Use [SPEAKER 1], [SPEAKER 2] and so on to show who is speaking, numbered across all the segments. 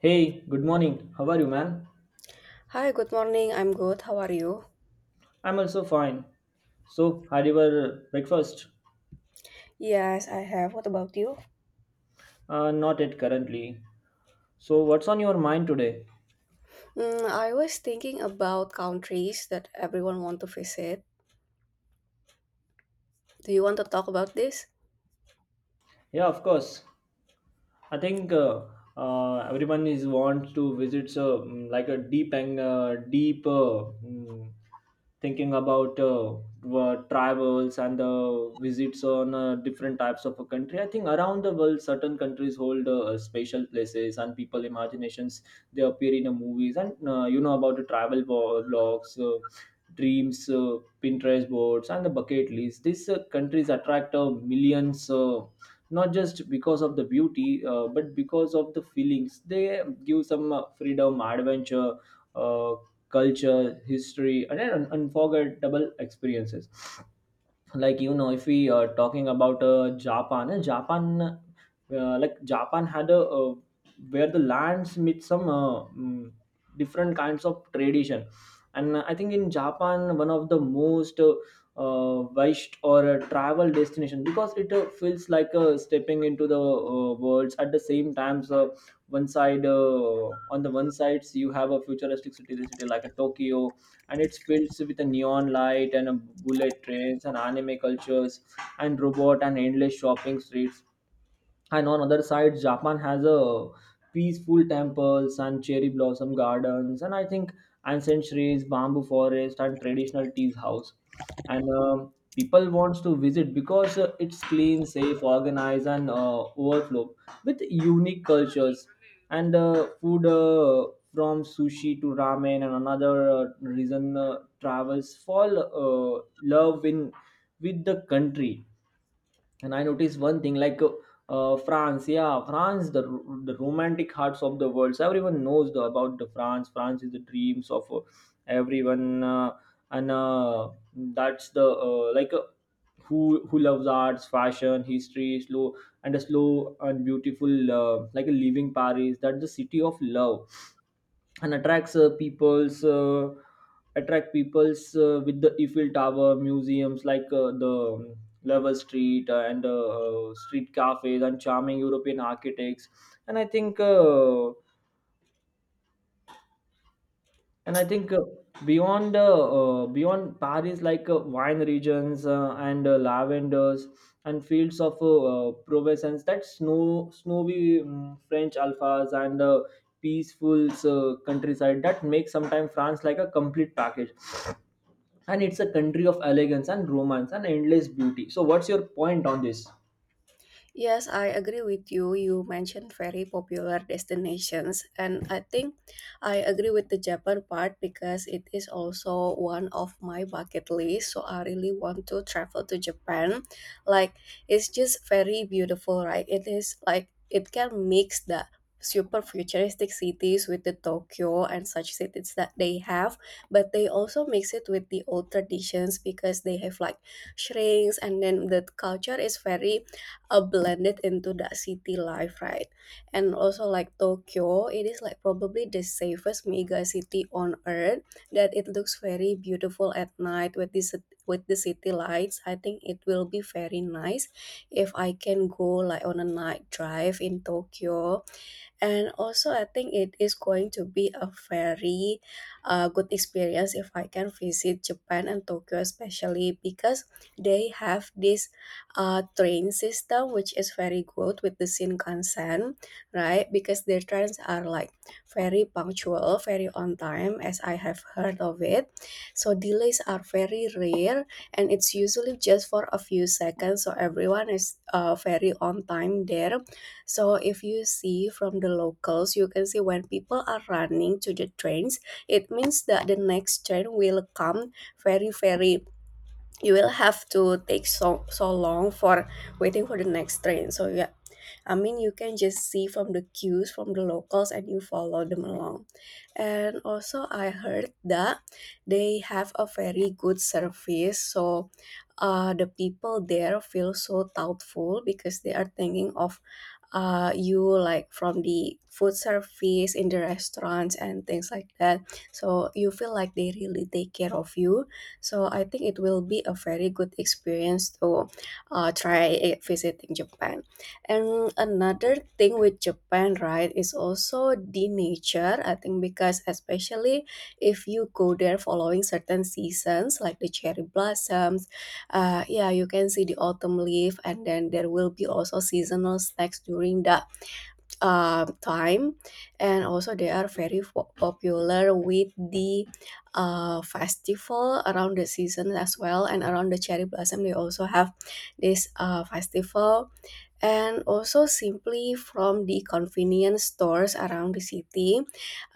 [SPEAKER 1] Hey, good morning. How are you, man?
[SPEAKER 2] Hi, good morning. I'm good. How are you?
[SPEAKER 1] I'm also fine. So, had your breakfast?
[SPEAKER 2] Yes, I have. What about you?
[SPEAKER 1] Not yet currently. So, what's on your mind today?
[SPEAKER 2] I was thinking about countries that everyone want to visit. Do you want to talk about this?
[SPEAKER 1] Yeah, of course. I think everyone is wants to visit, so like a deep and deep, thinking about travels and visits on different types of a country. I think around the world, certain countries hold special places and people imaginations. They appear in the movies, and you know about the travel blogs. Dreams, Pinterest boards and the bucket list, these countries attract millions, not just because of the beauty, but because of the feelings they give: some freedom, adventure, uh, culture, history and an unforgettable experiences. Like, if we are talking about japan japan like Japan had a, where the lands meet some different kinds of tradition. And I think in Japan, one of the most wished or travel destination, because it feels like stepping into the worlds at the same times. One side On the one sides you have a futuristic city, the city like a Tokyo, and it's filled with a neon light and a bullet trains and anime cultures and robot and endless shopping streets. And on other side, Japan has a peaceful temples and cherry blossom gardens. And I think ancient trees, bamboo forest and traditional tea house. And people wants to visit because it's clean, safe, organized and overflow with unique cultures and food, from sushi to ramen. And another reason travels fall love in with the country. And I noticed one thing, like, France. Yeah, France, the romantic hearts of the world. So everyone knows about the France is the dreams of everyone, and that's the, like, who loves arts, fashion, history, slow and beautiful, like a living Paris, that's the city of love. And attract people's, with the Eiffel Tower, museums like the Level Street, and street cafes and charming European architects. And I think uh, and I think beyond Paris, like wine regions and lavenders and fields of Provence, that snowy French alphas and peaceful countryside that makes sometimes France like a complete package. And it's a country of elegance and romance and endless beauty. So what's your point on this?
[SPEAKER 2] Yes, I agree with you. You mentioned very popular destinations, and I think I agree with the Japan part because it is also one of my bucket list. So I really want to travel to Japan. Like, it's just very beautiful, right? It is like it can mix the super futuristic cities with the Tokyo and such cities that they have, but they also mix it with the old traditions because they have like shrines, and then the culture is very blended into that city life, right? And also like Tokyo, it is like probably the safest mega city on earth. That it looks very beautiful at night with this with the city lights. I think it will be very nice if I can go like on a night drive in Tokyo, and also I think it is going to be a very good experience if I can visit Japan and Tokyo especially because they have this train system, which is very good with the Shinkansen, right? Because their trains are like very punctual, very on time as I have heard of it, so delays are very rare and it's usually just for a few seconds, so everyone is very on time there. So if you see from the locals, you can see when people are running to the trains, it means that the next train will come very, very. You will have to take so long for waiting for the next train. So yeah, I mean you can just see from the cues from the locals and you follow them along. And also I heard that they have a very good service. So the people there feel so thoughtful because they are thinking of you, like from the food service in the restaurants and things like that. So you feel like they really take care of you. So I think it will be a very good experience to try visiting Japan. And another thing with Japan, right, is also the nature. I think because especially if you go there following certain seasons like the cherry blossoms, yeah, you can see the autumn leaf, and then there will be also seasonal snacks during the time. And also they are very popular with the festival around the season as well, and around the cherry blossom they also have this festival. And also simply from the convenience stores around the city,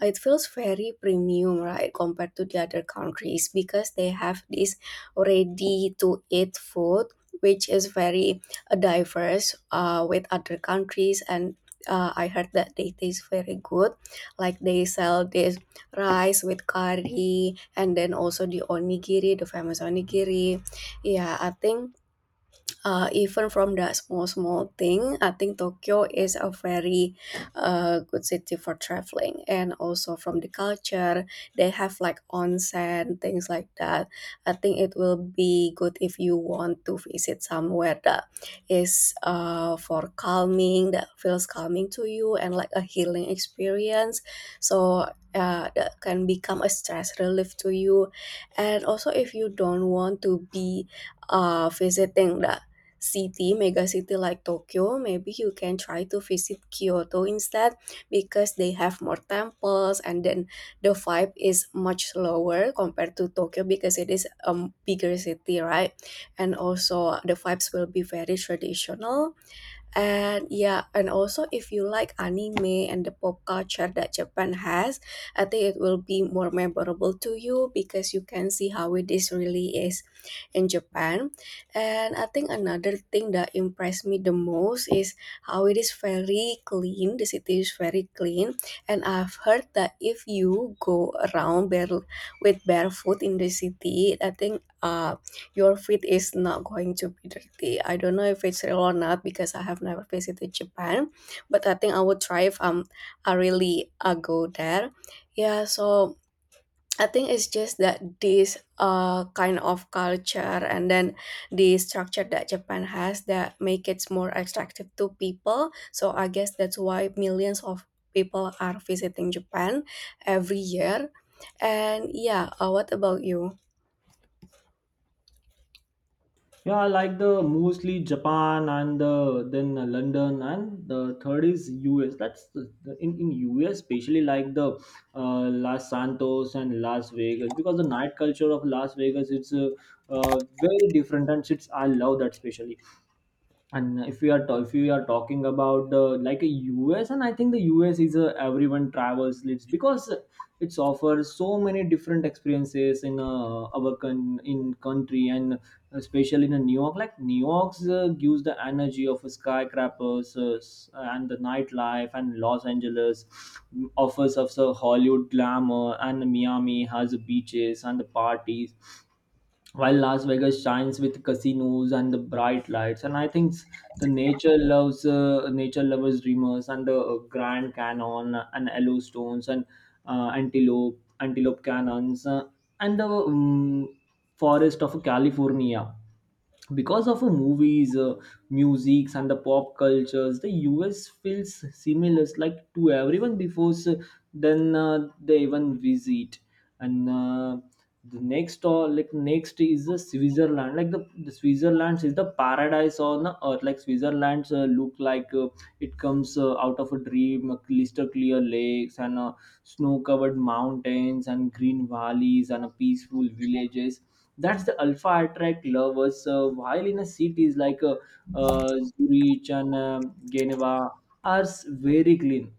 [SPEAKER 2] it feels very premium, right, compared to the other countries because they have this ready to eat food which is very diverse with other countries. And I heard that they taste very good. Like they sell this rice with curry and then also the onigiri, the famous onigiri. Yeah, I think even from the small thing, I think Tokyo is a very good city for traveling. And also from the culture, they have like onsen, things like that. I think it will be good if you want to visit somewhere that is for calming, that feels calming to you, and like a healing experience. So that can become a stress relief to you. And also if you don't want to be visiting the city mega city like Tokyo, maybe you can try to visit Kyoto instead because they have more temples, and then the vibe is much lower compared to Tokyo because it is a bigger city, right? And also the vibes will be very traditional. And yeah, and also if you like anime and the pop culture that Japan has, I think it will be more memorable to you because you can see how it is really is in Japan. And I think another thing that impressed me the most is how it is very clean, the city is very clean. And I've heard that if you go around with barefoot in the city, I think your feet is not going to be dirty. I don't know if it's real or not because I have never visited Japan, but I think I would try if I really go there. Yeah, so I think it's just that this kind of culture, and then the structure that Japan has that make it more attractive to people. So I guess that's why millions of people are visiting Japan every year. And yeah, what about you?
[SPEAKER 1] Yeah, I like the mostly Japan, and then London, and the third is US. That's in US, especially like the Los Santos and Las Vegas, because the night culture of Las Vegas, it's very different, and it's I love that especially. And if we are talking about like a US. And I think the US is a everyone travels lives, because it's offers so many different experiences in in country, and especially in a New York. Like New York's gives the energy of skyscrapers, and the nightlife, and Los Angeles offers of the Hollywood glamour, and Miami has beaches and the parties, while Las Vegas shines with casinos and the bright lights. And I think the nature lovers dreamers and the Grand Canyon and Yellowstones and antelope canyons, and the forest of California. Because of movies, musics and the pop cultures, the US feels similar like to everyone before, so then they even visit. And the next or like next is the Switzerland. Like the Switzerland is the paradise on the earth. Like Switzerland look like it comes out of a dream, crystal clear lakes and snow covered mountains and green valleys and peaceful villages, that's the alpha attract lovers. While in a cities like Zurich and Geneva are very clean,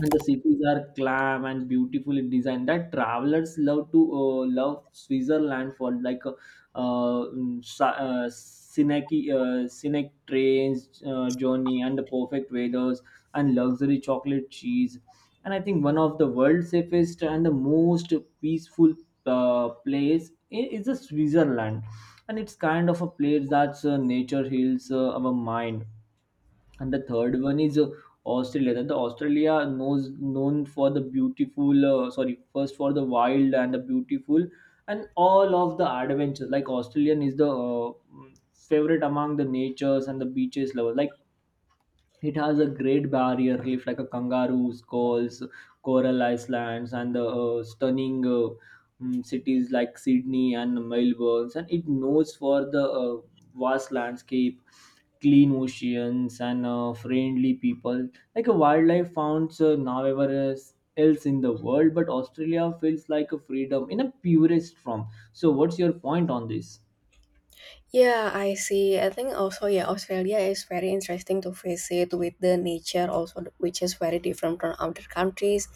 [SPEAKER 1] and the cities are calm and beautifully designed that travelers love to love Switzerland for, like um, sa- uh, scenic scenic trains journey and the perfect weathers and luxury chocolate cheese. And I think one of the world's safest and the most peaceful place is the Switzerland. And it's kind of a place that's nature heals our mind. And the third one is Australia, that the Australia knows known for the beautiful, sorry, first for the wild and the beautiful and all of the adventures. Like Australian is the favorite among the natures and the beaches lovers. Like it has a great barrier reef, like a kangaroos calls, coral islands and the stunning, cities like Sydney and Melbourne. And it knows for the vast landscape, clean oceans and friendly people, like a wildlife found nowhere else in the world. But Australia feels like a freedom in a purest form. So what's your point on this?
[SPEAKER 2] Yeah, I see. I think also yeah, Australia is very interesting to visit with the nature also, which is very different from other countries.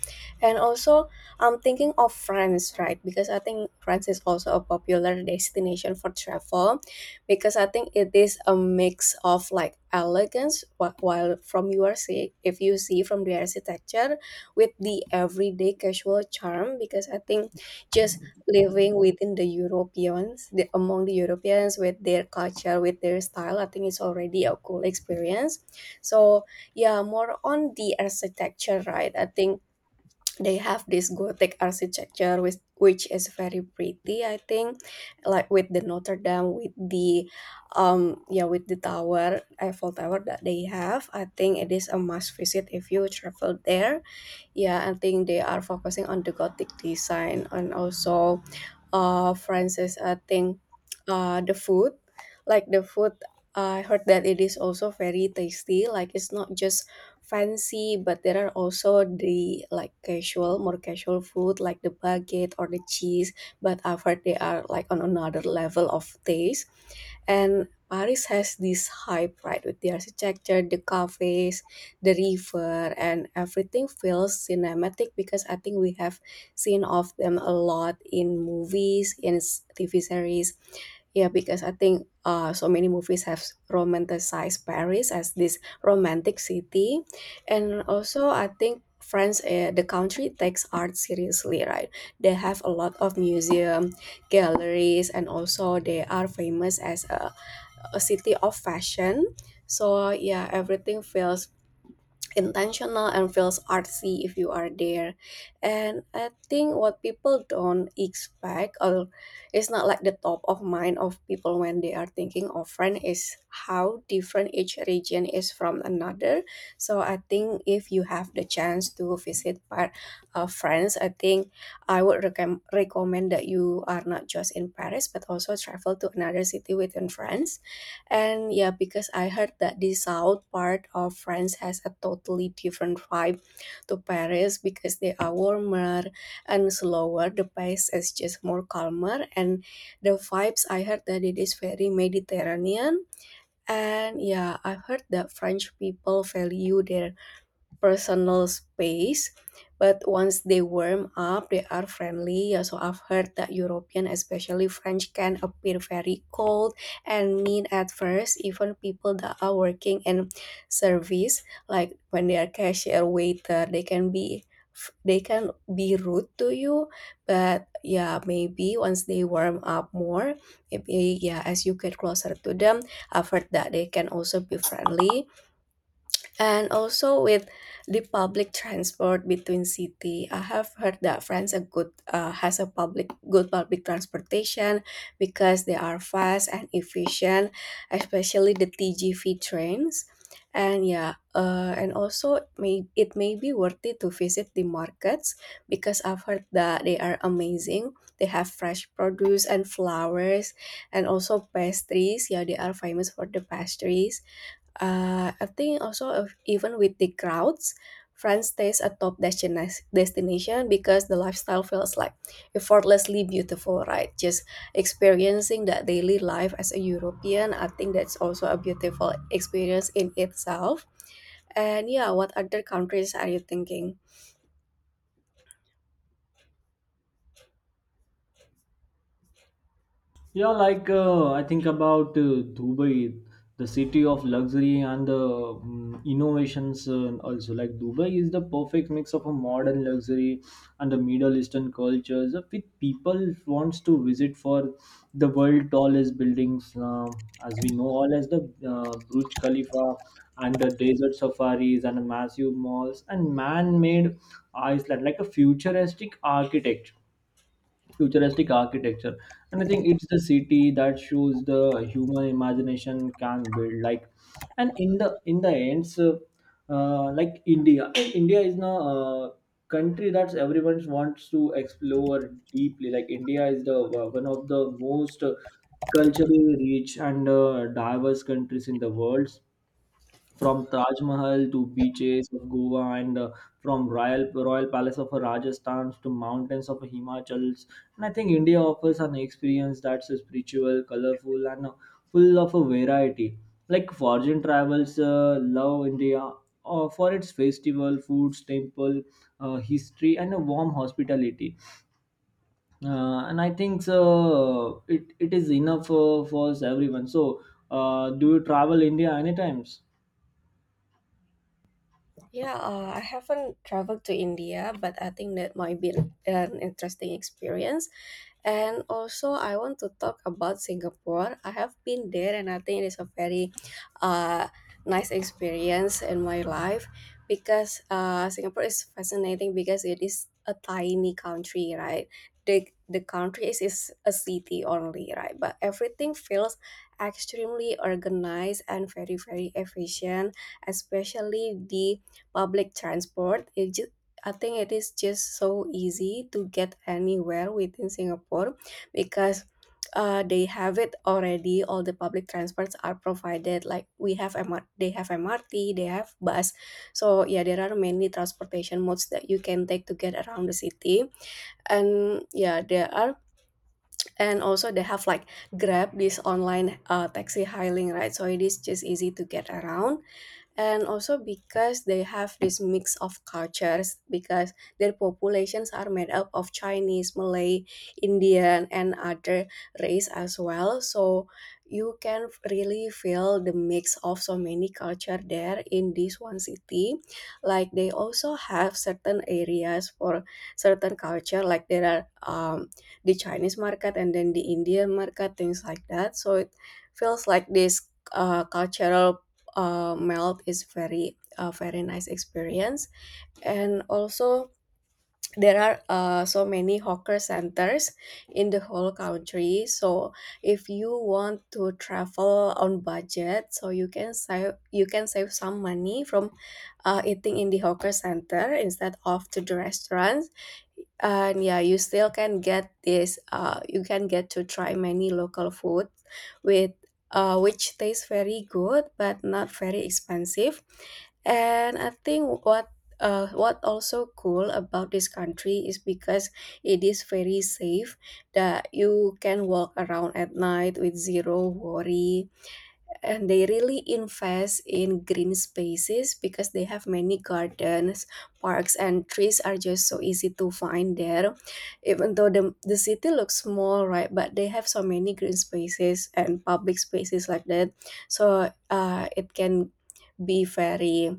[SPEAKER 2] And also, I'm thinking of France, right? Because I think France is also a popular destination for travel, because I think it is a mix of like elegance, while from your see, if you see from the architecture, with the everyday casual charm. Because I think just living within the Europeans, among the Europeans with their culture, with their style, I think it's already a cool experience. So yeah, more on the architecture, right? I think they have this Gothic architecture, which is very pretty. I think, like with the Notre Dame, with the yeah, with the Eiffel Tower that they have. I think it is a must visit if you travel there. Yeah, I think they are focusing on the Gothic design, and also, Francis. I think, the food, like the food, I heard that it is also very tasty. Like it's not just fancy, but there are also the like casual, more casual food like the baguette or the cheese. But I've heard they are like on another level of taste, and Paris has this hype, right, with the architecture, the cafes, the river, and everything feels cinematic because I think we have seen of them a lot in movies, in TV series. Yeah, because I think so many movies have romanticized Paris as this romantic city, and also I think France, the country takes art seriously, right? They have a lot of museum, galleries, and also they are famous as a city of fashion. So yeah, everything feels intentional and feels artsy if you are there. And I think what people don't expect, or it's not like the top of mind of people when they are thinking of France, is how different each region is from another. So I think if you have the chance to visit part of France, I think I would recommend that you are not just in Paris but also travel to another city within France. And yeah, because I heard that the south part of France has a totally different vibe to Paris because they are warmer and slower. The pace is just more calmer, and the vibes, I heard that it is very Mediterranean. And yeah, I've heard that French people value their personal space. But once they warm up, they are friendly. Yeah, so I've heard that European, especially French, can appear very cold and mean at first. Even people that are working in service, like when they are cashier, waiter, they can be rude to you. But yeah, maybe once they warm up more, maybe yeah, as you get closer to them, I've heard that they can also be friendly. And also with the public transport between city, I have heard that France a good has a public good public transportation because they are fast and efficient, especially the TGV trains. And yeah, and also may be worth it to visit the markets because I've heard that they are amazing. They have fresh produce and flowers, and also pastries. Yeah, they are famous for the pastries. I think also, if, even with the crowds, France stays a top destination because the lifestyle feels like effortlessly beautiful, right? Just experiencing that daily life as a European, I think that's also a beautiful experience in itself. And yeah, what other countries are you thinking?
[SPEAKER 1] Yeah, like I think about Dubai, the city of luxury and the innovations. Also, like Dubai is the perfect mix of a modern luxury and the Middle Eastern cultures, with people wants to visit for the world tallest buildings, as we know, all as the Burj Khalifa and the desert safaris and massive malls and man-made island, like a futuristic architecture. And I think it's the city that shows the human imagination can build, like. And in the end, so, like india is now a country that everyone wants to explore deeply. Like India is the one of the most culturally rich and diverse countries in the world, from Taj Mahal to beaches of Goa, and from royal palace of Rajasthan to mountains of Himachals. And I think India offers an experience that's spiritual, colorful, and full of a variety. Like foreign travels, love India for its festival, foods, temple, history, and a warm hospitality. And I think so, it is enough for us everyone. So, do you travel India any times?
[SPEAKER 2] Yeah, I haven't traveled to India, but I think that might be an interesting experience. And also, I want to talk about Singapore. I have been there, and I think it is a very uh, nice experience in my life because Singapore is fascinating because it is a tiny country, right? The country is a city only, right? But everything feels extremely organized and very, very efficient, especially the public transport. It just, I think it is just so easy to get anywhere within Singapore because they have it already. All the public transports are provided. Like we have M R. they have MRT, they have bus. So yeah, there are many transportation modes that you can take to get around the city. And yeah, there are, and also they have like Grab, this online taxi hailing, right? So it is just easy to get around. And also because they have this mix of cultures, because their populations are made up of Chinese, Malay, Indian and other race as well, so you can really feel the mix of so many culture there in this one city. Like they also have certain areas for certain culture. Like there are the Chinese market and then the Indian market, things like that. So it feels like this cultural melt is very nice experience. And also there are so many hawker centers in the whole country. So if you want to travel on budget, so you can save, you can save some money from eating in the hawker center instead of to the restaurant. And yeah, you still can get this you can get to try many local food with which tastes very good but not very expensive. And I think what, what also cool about this country is because it is very safe, that you can walk around at night with zero worry. And they really invest in green spaces because they have many gardens, parks and trees are just so easy to find there. Even though the city looks small, right, but they have so many green spaces and public spaces like that. So it can be very,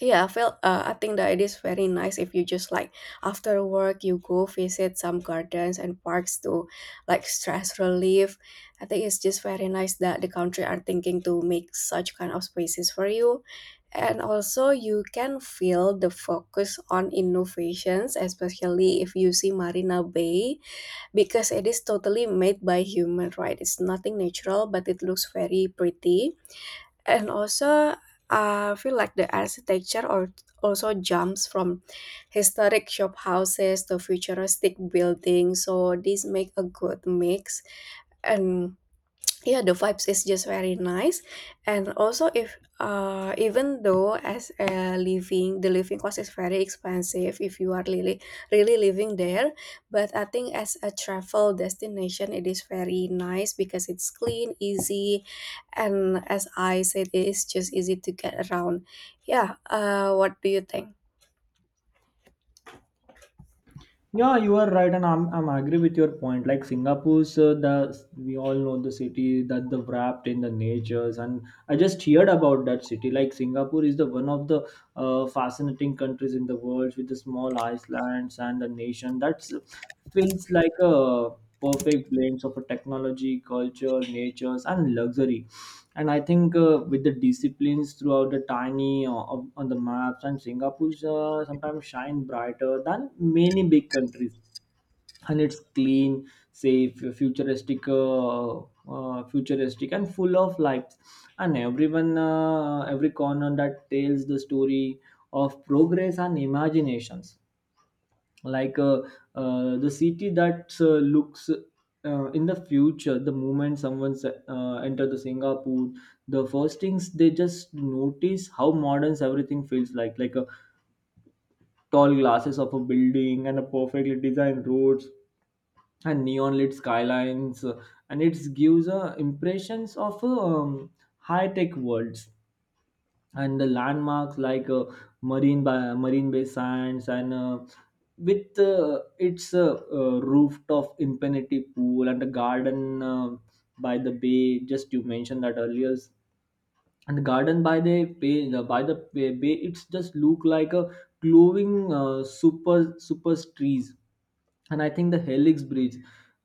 [SPEAKER 2] yeah, I feel. I think that it is very nice if you just like after work you go visit some gardens and parks to like stress relief. I think it's just very nice that the country are thinking to make such kind of spaces for you, and also you can feel the focus on innovations, especially if you see Marina Bay, because it is totally made by human, right? It's nothing natural, but it looks very pretty. And also I feel like the architecture or also jumps from historic shop houses to futuristic buildings, so this make a good mix. And yeah, the vibes is just very nice. And also if even though as a living, the living cost is very expensive if you are really living there, but I think as a travel destination it is very nice because it's clean, easy, and as I said, it is just easy to get around. Yeah, what do you think?
[SPEAKER 1] Yeah, you are right, and I'm agree with your point. Like Singapore's, the, we all know the city that the wrapped in the natures, and I just heard about that city. Like Singapore is the one of the fascinating countries in the world, with the small islands and the nation that's feels like a perfect blend of a technology, culture, natures, and luxury. And I think with the disciplines throughout the tiny, on the maps, and Singapore's sometimes shine brighter than many big countries. And it's clean, safe, futuristic and full of lights. And every corner that tells the story of progress and imaginations. Like the city that looks in the future. The moment someone's enter the Singapore, the first things they just notice how modern everything feels, like a tall glasses of a building and a perfectly designed roads and neon lit skylines, and it gives impressions of high tech worlds. And the landmarks like Marine Bay Sands and with its rooftop infinity pool, and a garden by the bay, just you mentioned that earlier. And the garden by the bay, by the bay, it's just look like a glowing super trees. And I think the Helix Bridge,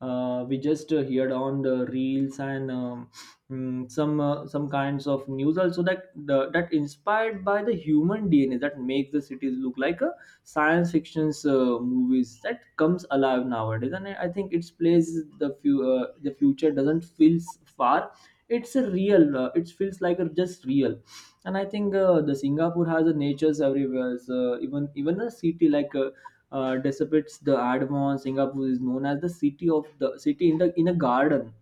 [SPEAKER 1] we just heard on the reels and some kinds of news also that that inspired by the human DNA that makes the cities look like a science fiction's movies that comes alive nowadays. And I think its plays the future doesn't feel far, it's a real, it feels like a just real. And I think the Singapore has a natures everywhere. So even a city like dissipates the admon, Singapore is known as the city in the in a garden.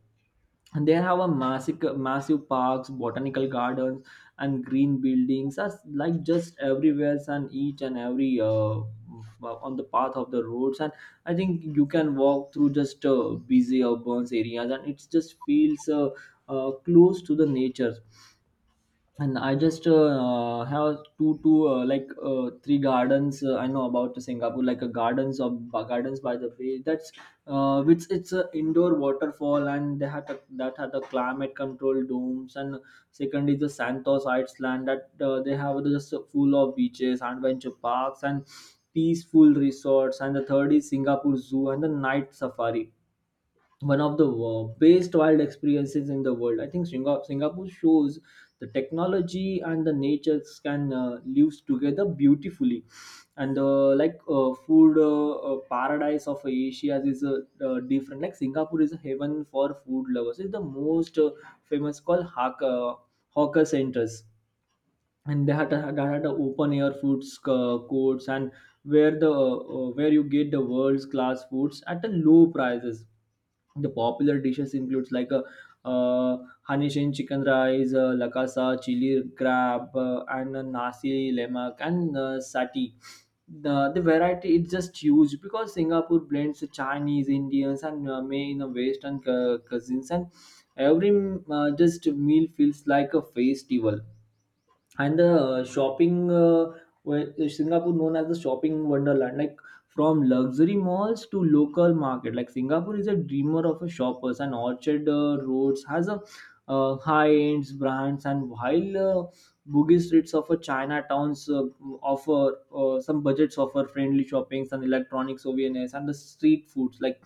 [SPEAKER 1] And they have a massive, massive parks, botanical gardens and green buildings as like just everywhere and each and every, on the path of the roads. And I think you can walk through just busy urban areas and it just feels close to the nature. And I just have two, two, like, three gardens. I know about Singapore, like a gardens of gardens, by the way. That's which it's an indoor waterfall, and that had the climate control domes. And second is the Santos Island that they have just full of beaches, adventure parks, and peaceful resorts. And the third is Singapore Zoo and the night safari, one of the best wild experiences in the world. I think Singapore shows the technology and the natures can live together beautifully. And food paradise of Asia is different. Like Singapore is a heaven for food lovers. It's the most famous called hawker centers, and they had a open air foods courts, and where the where you get the world's class foods at a low prices. The popular dishes includes like a uh, honey shin chicken rice, lakasa, chili crab, and nasi lemak and sati. The variety is just huge because Singapore blends Chinese, Indians, and May in a Western cuisines, and every just meal feels like a festival. And the shopping, where is Singapore known as the shopping wonderland, like from luxury malls to local market, like Singapore is a dreamer of a shoppers. And Orchard Roads has a high ends brands, and while boogie streets of a Chinatowns offer some budgets offer friendly shoppings and electronic souvenirs and the street foods. Like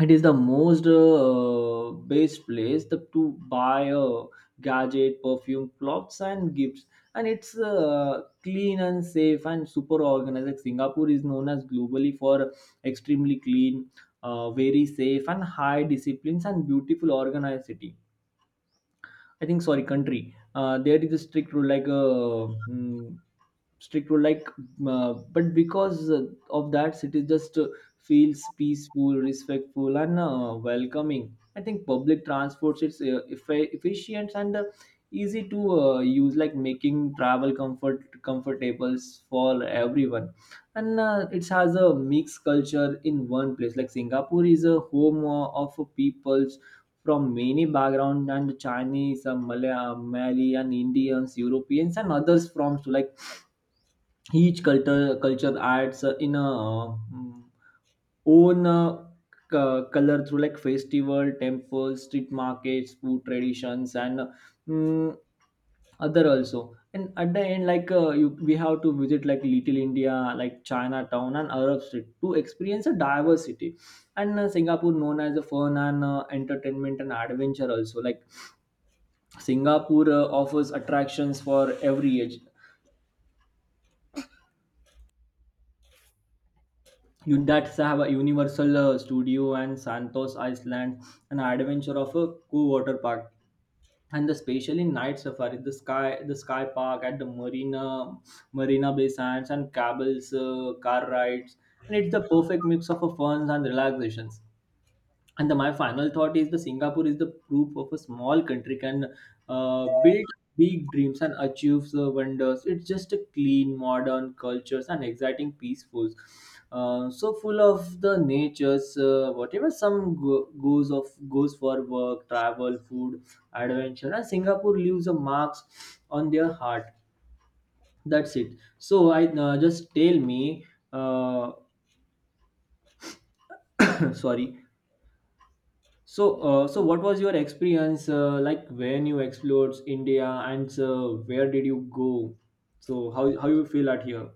[SPEAKER 1] it is the most best place to buy a gadget, perfume, clothes and gifts. And it's clean and safe and super organized. Like Singapore is known as globally for extremely clean, very safe and high disciplines and beautiful organized city. I think sorry country. There is a strict rule like strict rule like, but because of that, city just feels peaceful, respectful, and welcoming. I think public transport is efficient and easy to use, like making travel comfortable for everyone. And it has a mixed culture in one place. Like Singapore is a home of peoples from many backgrounds, and Chinese, Malay, Malayan, Indians, Europeans, and others from. So like each culture adds in a own color through like festival, temples, street markets, food traditions, and mm, other also. And at the end, like we have to visit like Little India, like Chinatown and Arab Street to experience a diversity. And Singapore known as a fun and entertainment and adventure also. Like Singapore offers attractions for every age. You that have a Universal Studio and Santos Island, an adventure of a cool water park, and the especially night safari. The sky park at the marina, Marina Bay Sands, and Cable's car rides, and it's the perfect mix of fun and relaxations. And my final thought is the Singapore is the proof of a small country can build big dreams and achieve the wonders. It's just a clean, modern cultures and exciting, peaceful. So full of the natures, whatever some goes for work, travel, food, adventure, and Singapore leaves a marks on their heart. That's it. So I just tell me, uh, sorry, so what was your experience like when you explored India, and where did you go? So, how you feel at here?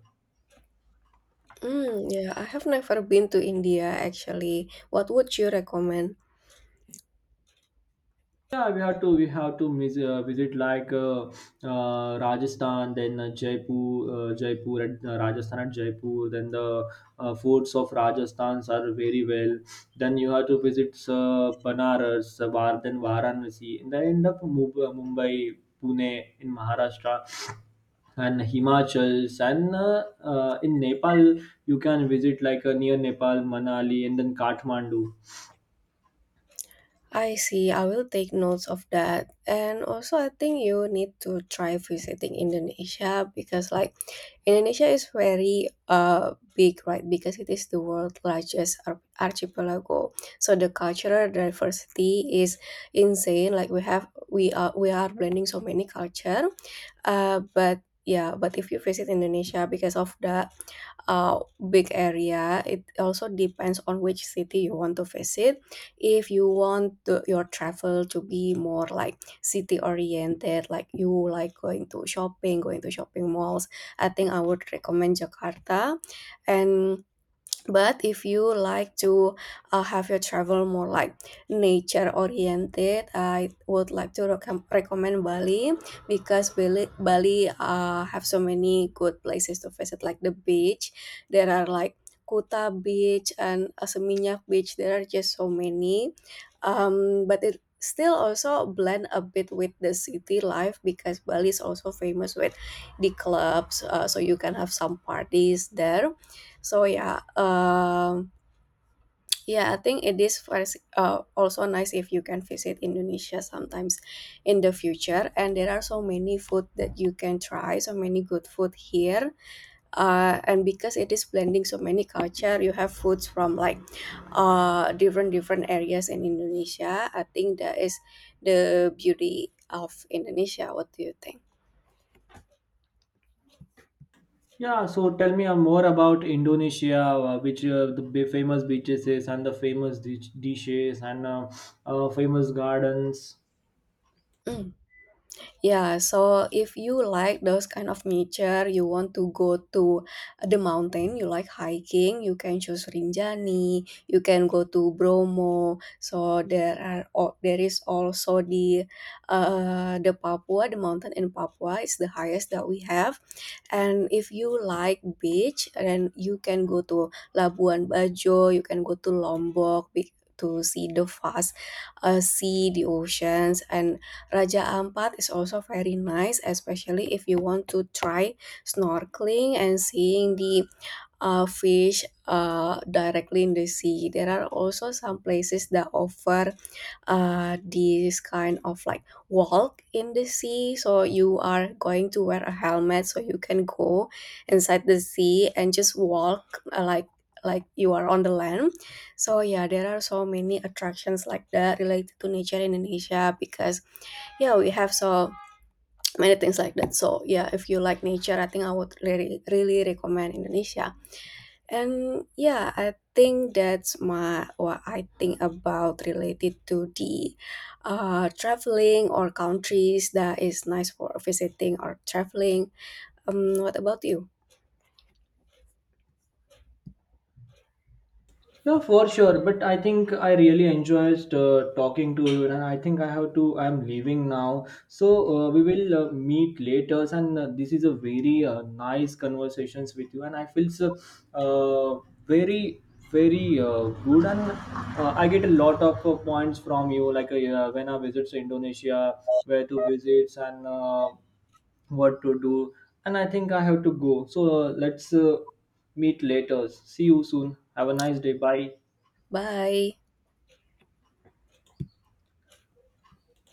[SPEAKER 2] Mm, yeah, I have never been to India actually. What would you recommend?
[SPEAKER 1] Yeah, we have to visit like Rajasthan, then Jaipur, Jaipur at Rajasthan at Jaipur. Then the forts of Rajasthan are very well. Then you have to visit then Varanasi, and then end up Mumbai, Pune in Maharashtra, and Himachals, and in Nepal you can visit like near Nepal, Manali, and then Kathmandu.
[SPEAKER 2] I see. I will take notes of that. And also, I think you need to try visiting Indonesia because, like, Indonesia is very big, right? Because it is the world's largest archipelago. So the cultural diversity is insane. Like we have, we are blending so many culture. But yeah, but if you visit Indonesia because of the uh, big area, it also depends on which city you want to visit. If you want the, your travel to be more like city oriented, like you like going to shopping malls, I think I would recommend Jakarta. And but if you like to have your travel more like nature oriented, I would like to recommend Bali, because Bali have so many good places to visit, like the beach. There are like Kuta Beach and Seminyak Beach. There are just so many, but it still also blend a bit with the city life because Bali is also famous with the clubs, so you can have some parties there. So yeah, yeah, I think it is also nice if you can visit Indonesia sometimes in the future. And there are so many food that you can try, so many good food here. And because it is blending so many culture, you have foods from like different areas in Indonesia. I think that is the beauty of Indonesia. What do you think?
[SPEAKER 1] Yeah, so tell me more about Indonesia, which famous beaches is, and the famous dishes and famous gardens.
[SPEAKER 2] Mm. Yeah, so if you like those kind of nature, you want to go to the mountain, you like hiking, you can choose Rinjani, you can go to Bromo. So there are al- there is also the Papua, the mountain in Papua is the highest that we have. And if you like beach, then you can go to Labuan Bajo, you can go to Lombok be- to see the vast sea, the oceans. And Raja Ampat is also very nice, especially if you want to try snorkeling and seeing the fish directly in the sea. There are also some places that offer this kind of like walk in the sea, so you are going to wear a helmet so you can go inside the sea and just walk like you are on the land. So yeah, there are so many attractions like that related to nature in Indonesia, because yeah, we have so many things like that. So yeah, if you like nature, I think I would really recommend Indonesia. And yeah, I think that's my what I think about related to the traveling or countries that is nice for visiting or traveling. What about you?
[SPEAKER 1] Yeah, for sure. But I think I really enjoyed talking to you, and I think I have to. I'm leaving now. So we will meet later, and this is a very nice conversations with you, and I feel so, uh, very very good, and I get a lot of points from you, like yeah, when I visit Indonesia, where to visit, and what to do. And I think I have to go. So let's meet later. See you soon. Have a nice day. Bye.
[SPEAKER 2] Bye.